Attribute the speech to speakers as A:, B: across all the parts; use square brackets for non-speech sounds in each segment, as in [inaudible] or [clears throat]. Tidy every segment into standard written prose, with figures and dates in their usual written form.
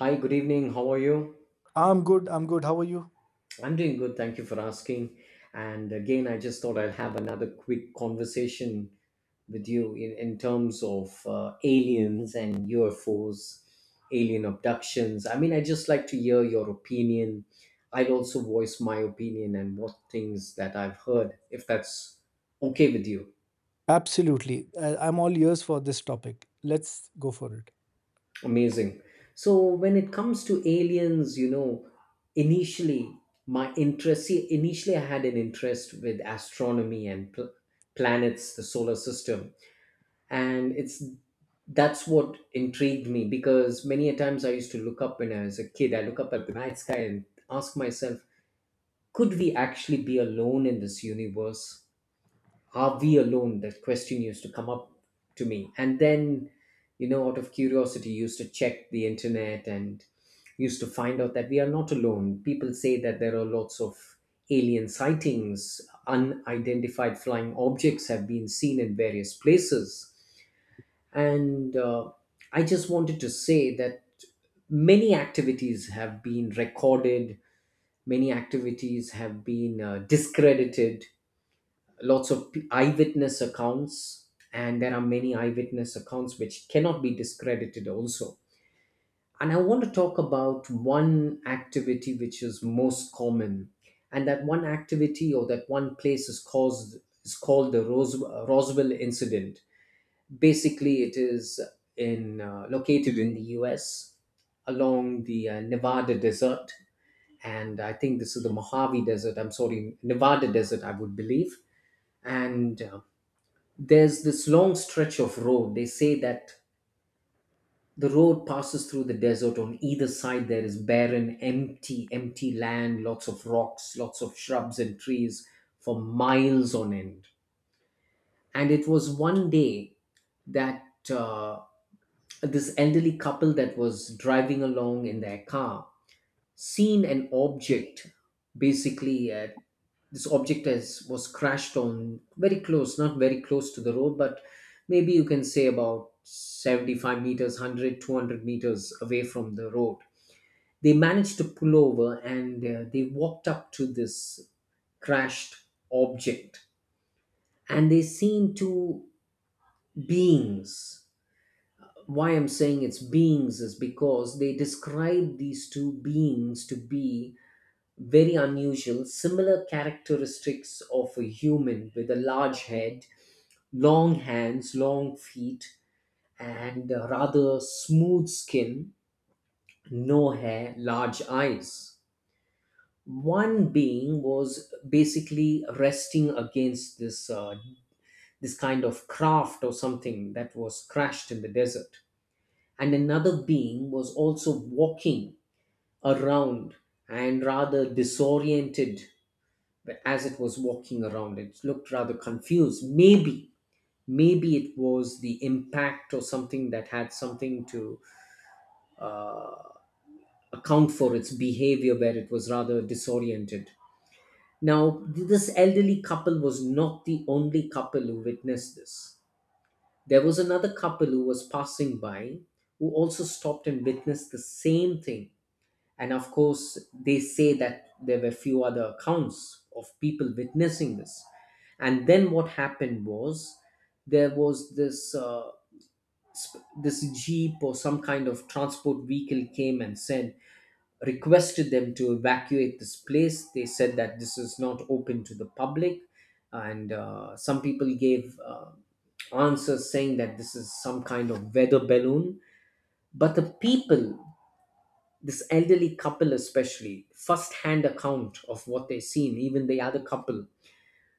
A: Hi, good evening. How are you?
B: I'm good. I'm good. How are you?
A: I'm doing good. Thank you for asking. And again, I just thought I will have another quick conversation with you in terms of aliens and UFOs, alien abductions. I mean, I just like to hear your opinion. I'd also voice my opinion and what things that I've heard, if that's okay with you.
B: Absolutely. I'm all ears for this topic. Let's go for it.
A: Amazing. So when it comes to aliens, you know, initially my interest, see, initially I had an interest with astronomy and planets, the solar system, and it's that's what intrigued me because many a times I used to look up when I was a kid. I look up at the night sky and ask myself, could we actually be alone in this universe? Are we alone? That question used to come up to me. And then, you know, out of curiosity, used to check the internet and used to find out that we are not alone. People say that there are lots of alien sightings, unidentified flying objects have been seen in various places. And I just wanted to say that many activities have been recorded, many activities have been discredited, lots of eyewitness accounts, and there are many eyewitness accounts which cannot be discredited also. And I want to talk about one activity which is most common, and that one activity or that one place is caused is called the Roswell incident. Basically, it is in located in the US, along the Nevada desert. And I think this is the Mojave desert, I'm sorry, Nevada desert, I would believe. And There's this long stretch of road. They say that the road passes through the desert. On either side, there is barren, empty land, lots of rocks, lots of shrubs and trees for miles on end. And it was one day that uh, this elderly couple that was driving along in their car seen an object. Basically This object has was crashed on, very close, not very close to the road, but maybe you can say about 75 meters, 100, 200 meters away from the road. They managed to pull over and they walked up to this crashed object, and they seen two beings. Why I'm saying it's beings is because they describe these two beings to be very unusual, similar characteristics of a human, with a large head, long hands, long feet, and a rather smooth skin, no hair, large eyes. One being was basically resting against this this kind of craft or something that was crashed in the desert, and another being was also walking around and rather disoriented. But as it was walking around, it looked rather confused. Maybe it was the impact or something that had something to account for its behavior, where it was rather disoriented. Now, this elderly couple was not the only couple who witnessed this. There was another couple who was passing by, who also stopped and witnessed the same thing. And of course, they say that there were few other accounts of people witnessing this. And then what happened was there was this this jeep or some kind of transport vehicle came and said, requested them to evacuate this place. They said that this is not open to the public, and some people gave answers saying that this is some kind of weather balloon. But the people, this elderly couple especially, first-hand account of what they've seen, even the other couple,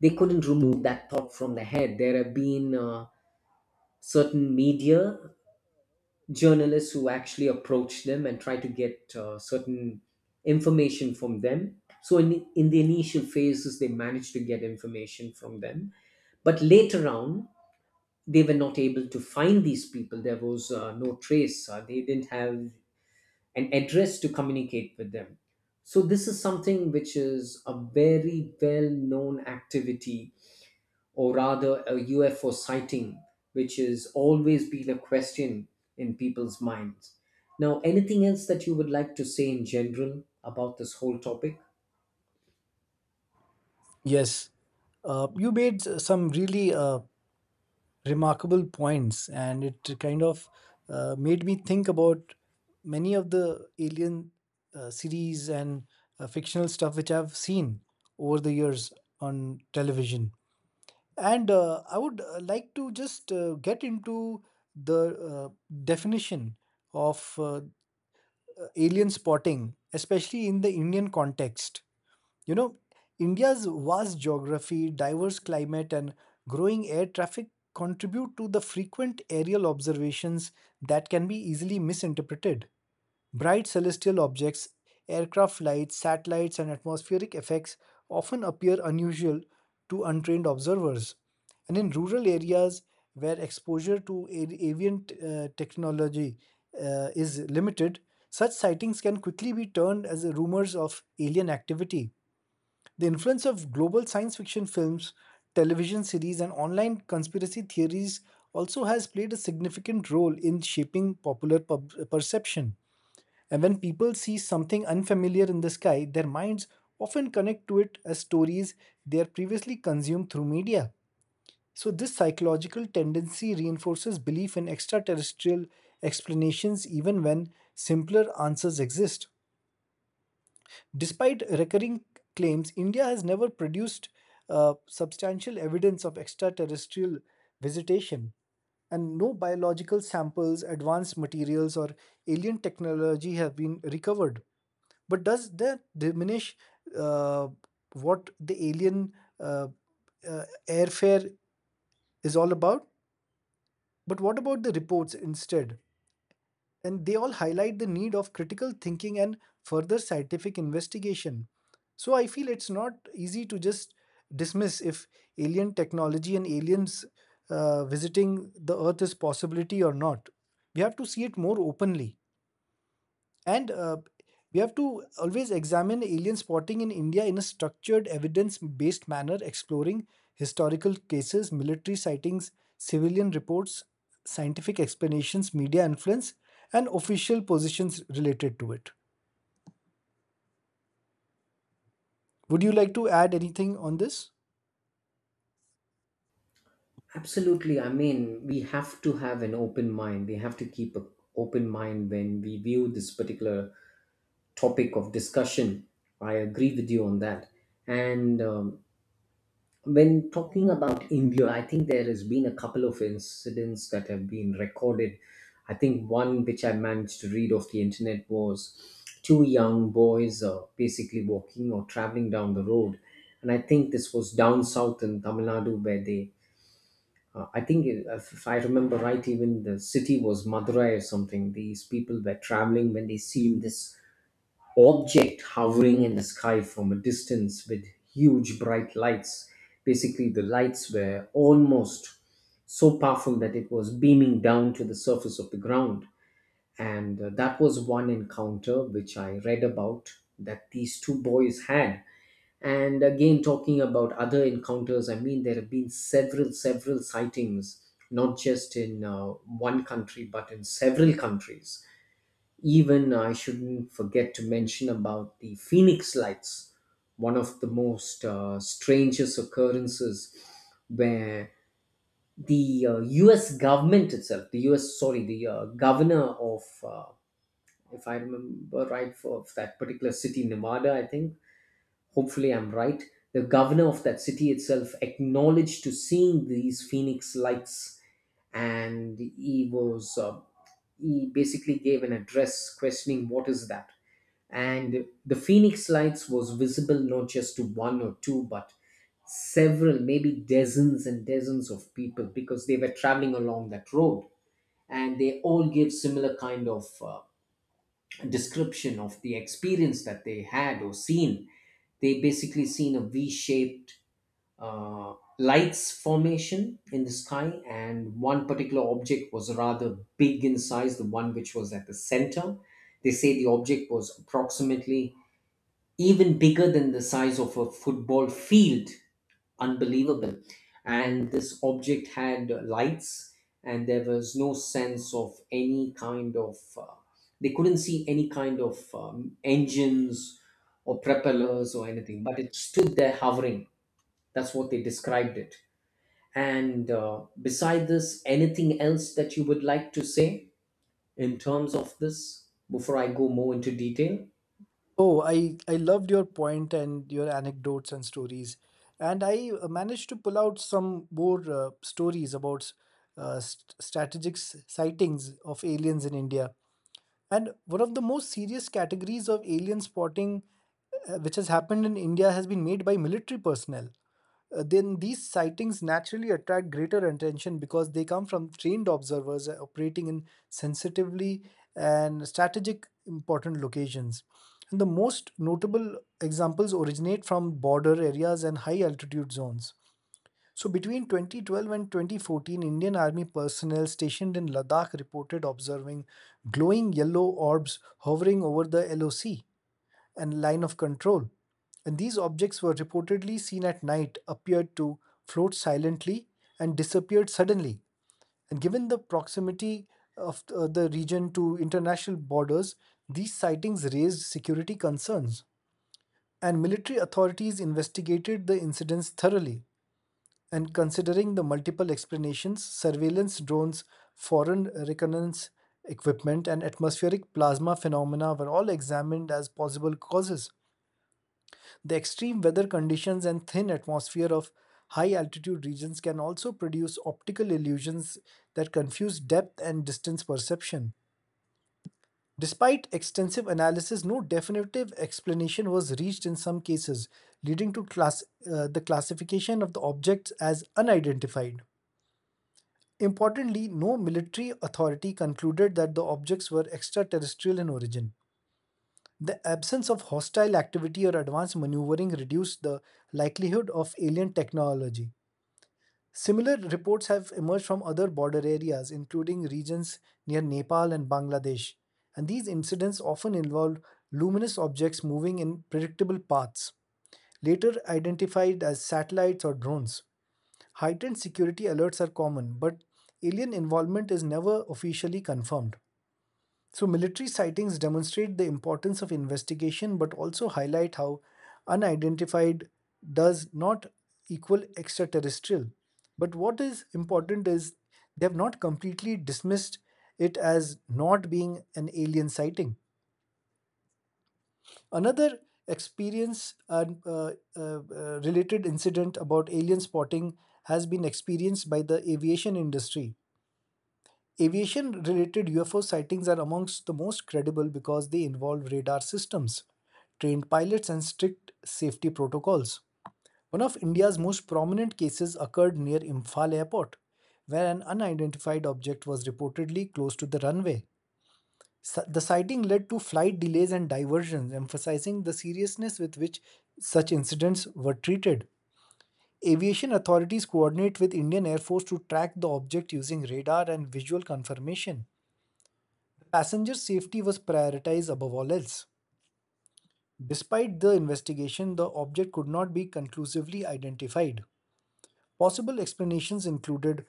A: they couldn't remove that thought from their head. There have been certain media journalists who actually approached them and try to get certain information from them. So in the initial phases, they managed to get information from them, but later on they were not able to find these people. There was no trace, they didn't have an address to communicate with them. So, this is something which is a very well known activity, or rather, a UFO sighting, which has always been a question in people's minds. Now, anything else that you would like to say in general about this whole topic?
B: Yes. You made some really remarkable points, and it kind of made me think about many of the alien series and fictional stuff which I've seen over the years on television. And I would like to just get into the definition of alien spotting, especially in the Indian context. You know, India's vast geography, diverse climate, and growing air traffic contribute to the frequent aerial observations that can be easily misinterpreted. Bright celestial objects, aircraft lights, satellites, and atmospheric effects often appear unusual to untrained observers. And in rural areas where exposure to avian technology is limited, such sightings can quickly be turned as rumors of alien activity. The influence of global science fiction films, television series, and online conspiracy theories also has played a significant role in shaping popular perception. And when people see something unfamiliar in the sky, their minds often connect to it as stories they are previously consumed through media. So this psychological tendency reinforces belief in extraterrestrial explanations even when simpler answers exist. Despite recurring claims, India has never produced substantial evidence of extraterrestrial visitation and no biological samples, advanced materials, or alien technology have been recovered. But does that diminish uh, what the alien uh, airfare is all about? But what about the reports instead? And they all highlight the need of critical thinking and further scientific investigation. So I feel it's not easy to just dismiss if alien technology and aliens visiting the Earth is possibility or not. We have to see it more openly. And we have to always examine alien spotting in India in a structured, evidence based manner, exploring historical cases, military sightings, civilian reports, scientific explanations, media influence, and official positions related to it. Would you like to add anything on this?
A: Absolutely. I mean, we have to have an open mind. We have to keep an open mind when we view this particular topic of discussion. I agree with you on that. And When talking about India, I think there has been a couple of incidents that have been recorded. I think one which I managed to read off the internet was two young boys basically walking or traveling down the road. And I think this was down south in Tamil Nadu where they, I think if I remember right, even the city was Madurai or something. These people were traveling when they seen this object hovering in the sky from a distance with huge bright lights. Basically, the lights were almost so powerful that it was beaming down to the surface of the ground. And that was one encounter which I read about that these two boys had. And again, talking about other encounters, I mean, there have been several, several sightings, not just in one country, but in several countries. Even I shouldn't forget to mention about the Phoenix lights, one of the most strangest occurrences where the US government itself, the US, sorry, the governor of, if I remember right, for, of that particular city, Nevada, I think, hopefully I'm right, the governor of that city itself acknowledged to seeing these Phoenix lights, and he was. He basically gave an address questioning what is that. And the Phoenix lights was visible not just to one or two but several, maybe dozens and dozens of people, because they were traveling along that road, and they all gave similar kind of description of the experience that they had or seen. They basically seen a v-shaped uh, lights formation in the sky, and one particular object was rather big in size, the one which was at the center. They say the object was approximately even bigger than the size of a football field. Unbelievable. And this object had lights, and there was no sense of any kind of, they couldn't see any kind of engines or propellers or anything, but it stood there hovering. That's what they described it. And beside this, anything else that you would like to say in terms of this before I go more into detail?
B: Oh, I loved your point and your anecdotes and stories. And I managed to pull out some more stories about strategic sightings of aliens in India. And one of the most serious categories of alien spotting, which has happened in India, has been made by military personnel. Then these sightings naturally attract greater attention because they come from trained observers operating in sensitively and strategic important locations. And the most notable examples originate from border areas and high altitude zones. So between 2012 and 2014, Indian Army personnel stationed in Ladakh reported observing glowing yellow orbs hovering over the LOC and line of control. And these objects were reportedly seen at night, appeared to float silently and disappeared suddenly. And given the proximity of the region to international borders, these sightings raised security concerns. And military authorities investigated the incidents thoroughly and considering the multiple explanations, surveillance drones, foreign reconnaissance equipment, and atmospheric plasma phenomena were all examined as possible causes. The extreme weather conditions and thin atmosphere of high altitude regions can also produce optical illusions that confuse depth and distance perception. Despite extensive analysis, no definitive explanation was reached in some cases, leading to the classification of the objects as unidentified. Importantly, no military authority concluded that the objects were extraterrestrial in origin. The absence of hostile activity or advanced maneuvering reduced the likelihood of alien technology. Similar reports have emerged from other border areas, including regions near Nepal and Bangladesh, and these incidents often involved luminous objects moving in predictable paths, later identified as satellites or drones. Heightened security alerts are common, but alien involvement is never officially confirmed. So, military sightings demonstrate the importance of investigation but also highlight how unidentified does not equal extraterrestrial. But what is important is they have not completely dismissed it as not being an alien sighting. Another experience and related incident about alien spotting has been experienced by the aviation industry. Aviation related UFO sightings are amongst the most credible because they involve radar systems, trained pilots, and strict safety protocols. One of India's most prominent cases occurred near Imphal airport, where an unidentified object was reportedly close to the runway. The sighting led to flight delays and diversions, emphasizing the seriousness with which such incidents were treated. Aviation authorities coordinate with Indian Air Force to track the object using radar and visual confirmation. Passenger safety was prioritized above all else. Despite the investigation, the object could not be conclusively identified. Possible explanations included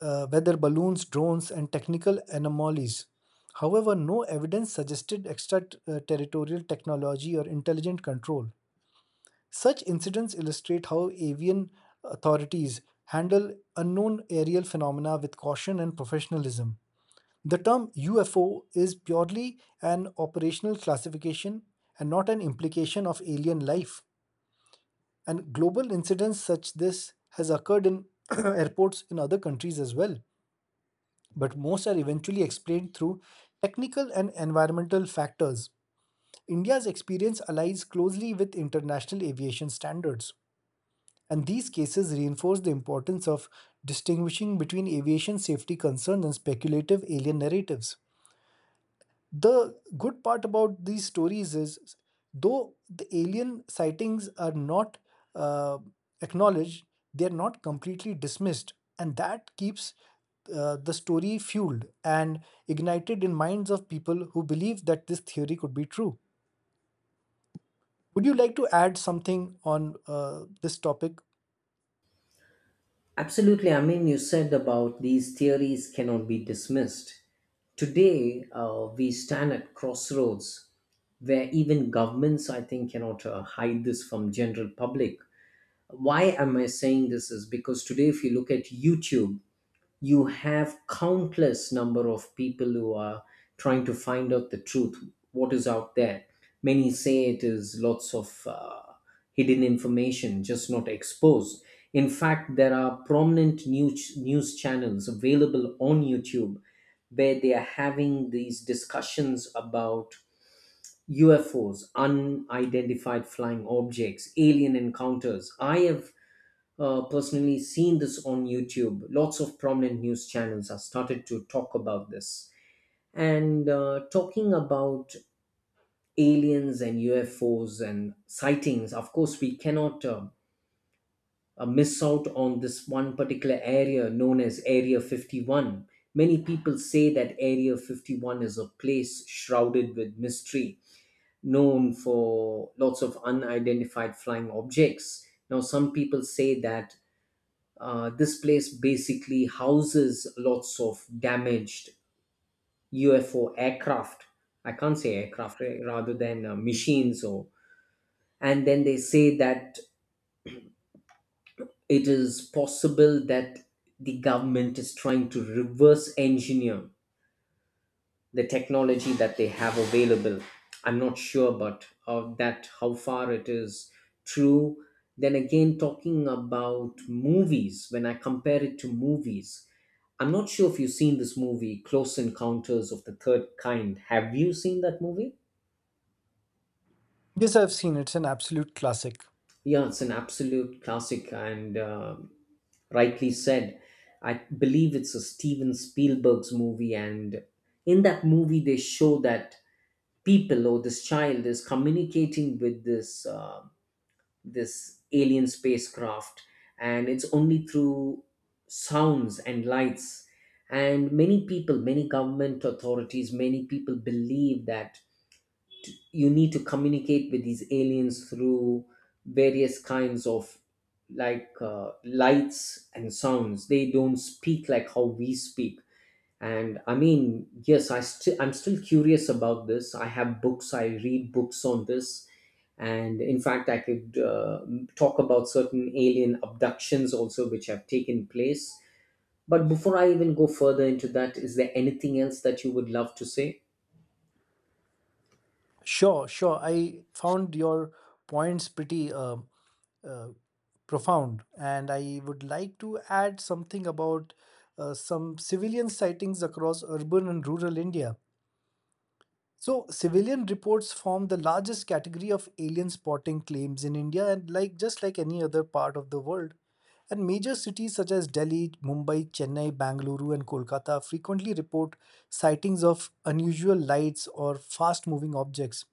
B: weather balloons, drones, and technical anomalies. However, no evidence suggested extraterritorial technology or intelligent control. Such incidents illustrate how avian authorities handle unknown aerial phenomena with caution and professionalism. The term UFO is purely an operational classification and not an implication of alien life. And global incidents such this has occurred in [clears throat] airports in other countries as well, but most are eventually explained through technical and environmental factors. India's experience aligns closely with international aviation standards, and these cases reinforce the importance of distinguishing between aviation safety concerns and speculative alien narratives. The good part about these stories is, though the alien sightings are not uh, acknowledged, they are not completely dismissed, and that keeps the story fueled and ignited in minds of people who believe that this theory could be true. Would you like to add something on this topic?
A: Absolutely. I mean, you said about these theories cannot be dismissed. Today, we stand at crossroads where even governments, I think, cannot hide this from general public. Why am I saying this? Is because today, if you look at YouTube, you have countless number of people who are trying to find out the truth, what is out there. Many say it is lots of hidden information just not exposed. In fact, there are prominent news channels available on YouTube where they are having these discussions about UFOs, unidentified flying objects, alien encounters. I have personally seen this on YouTube. Lots of prominent news channels have started to talk about this. And talking about aliens and UFOs and sightings, of course, we cannot miss out on this one particular area known as Area 51. Many people say that Area 51 is a place shrouded with mystery, known for lots of unidentified flying objects. Now, some people say that uh, this place basically houses lots of damaged UFO aircraft. I can't say aircraft eh, rather than machines or. And then they say that it is possible that the government is trying to reverse engineer the technology that they have available. I'm not sure, but of that how far it is true. Then again, talking about movies, when I compare it to movies, I'm not sure if you've seen this movie, Close Encounters of the Third Kind. Have you seen that movie?
B: Yes, I've seen it. It's an absolute classic.
A: Yeah, it's an absolute classic, and um, rightly said. I believe it's a Steven Spielberg's movie, and in that movie, they show that people or this child is communicating with this this alien spacecraft, and it's only through sounds and lights. And many people, many government authorities, many people believe that you need to communicate with these aliens through various kinds of, like lights and sounds. They don't speak like how we speak. And I mean, yes, I'm still curious about this. I have books, I read books on this, and in fact I could talk about certain alien abductions also which have taken place. But before I even go further into that, is there anything else that you would love to say?
B: Sure, sure. I found your points pretty uh, profound. And I would like to add something about some civilian sightings across urban and rural India. So, civilian reports form the largest category of alien spotting claims in India, and like just like any other part of the world. And major cities such as Delhi, Mumbai, Chennai, Bangalore, and Kolkata frequently report sightings of unusual lights or fast moving objects.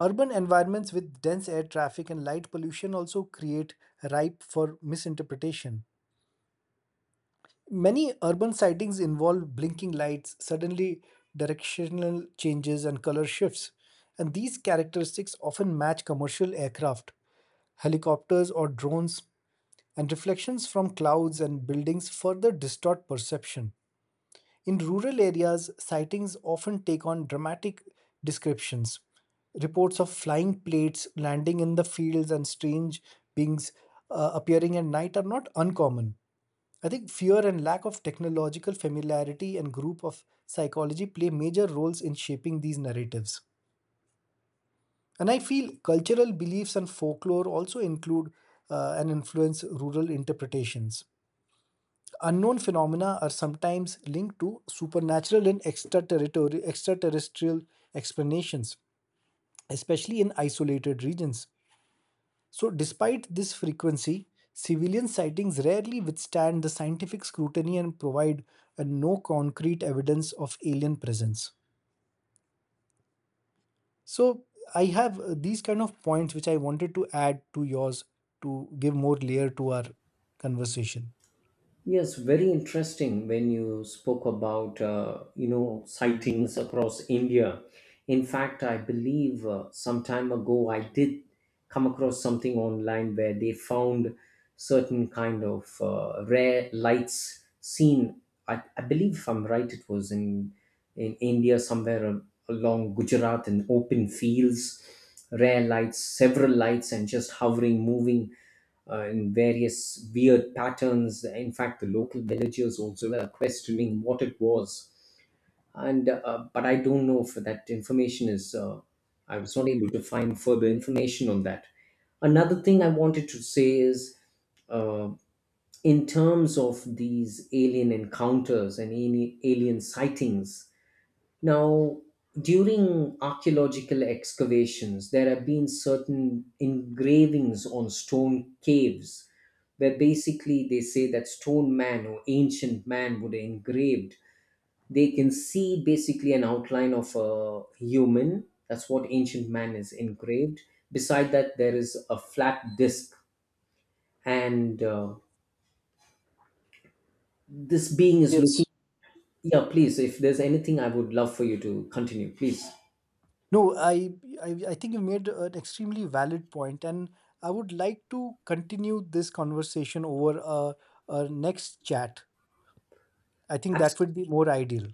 B: Urban environments with dense air traffic and light pollution also create ripe for misinterpretation. Many urban sightings involve blinking lights, suddenly directional changes, and color shifts, and these characteristics often match commercial aircraft, helicopters, or drones, and reflections from clouds and buildings further distort perception. In rural areas, sightings often take on dramatic descriptions. Reports of flying plates landing in the fields and strange beings appearing at night are not uncommon. I think fear and lack of technological familiarity and group of psychology play major roles in shaping these narratives. And I feel cultural beliefs and folklore also include and influence rural interpretations. Unknown phenomena are sometimes linked to supernatural and extraterrestrial explanations, especially in isolated regions. So, despite this frequency, civilian sightings rarely withstand the scientific scrutiny and provide no concrete evidence of alien presence. So, I have these kind of points which I wanted to add to yours to give more layer to our conversation.
A: Yes, very interesting when you spoke about you know, sightings across India. In fact, I believe some time ago I did come across something online where they found certain kind of rare lights seen. I believe if I'm right, it was in India somewhere along Gujarat in open fields, rare lights, several lights, and just hovering, moving in various weird patterns. In fact, the local villagers also were questioning what it was. And but I don't know if that information is. I was not able to find further information on that. Another thing I wanted to say is, uh, in terms of these alien encounters and alien sightings, now, during archaeological excavations, there have been certain engravings on stone caves where basically they say that stone man or ancient man would have engraved. They can see basically an outline of a human. That's what ancient man is engraved. Beside that, there is a flat disc, and this being is looking.
B: Yes.
A: Yeah, please. If there's anything, I would love for you to continue. Please.
B: No, I think you made an extremely valid point, and I would like to continue this conversation over a next chat. I think that
A: Absolutely.
B: would be more ideal.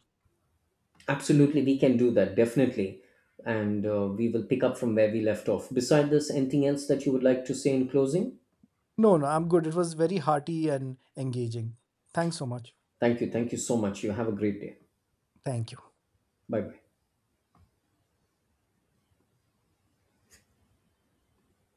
A: Absolutely, we can do that, definitely. And we will pick up from where we left off. Beside this, anything else that you would like to say in closing?
B: No, no, I'm good. It was very hearty and engaging. Thanks so much.
A: Thank you. Thank you so much. You have a great day.
B: Thank you.
A: Bye bye.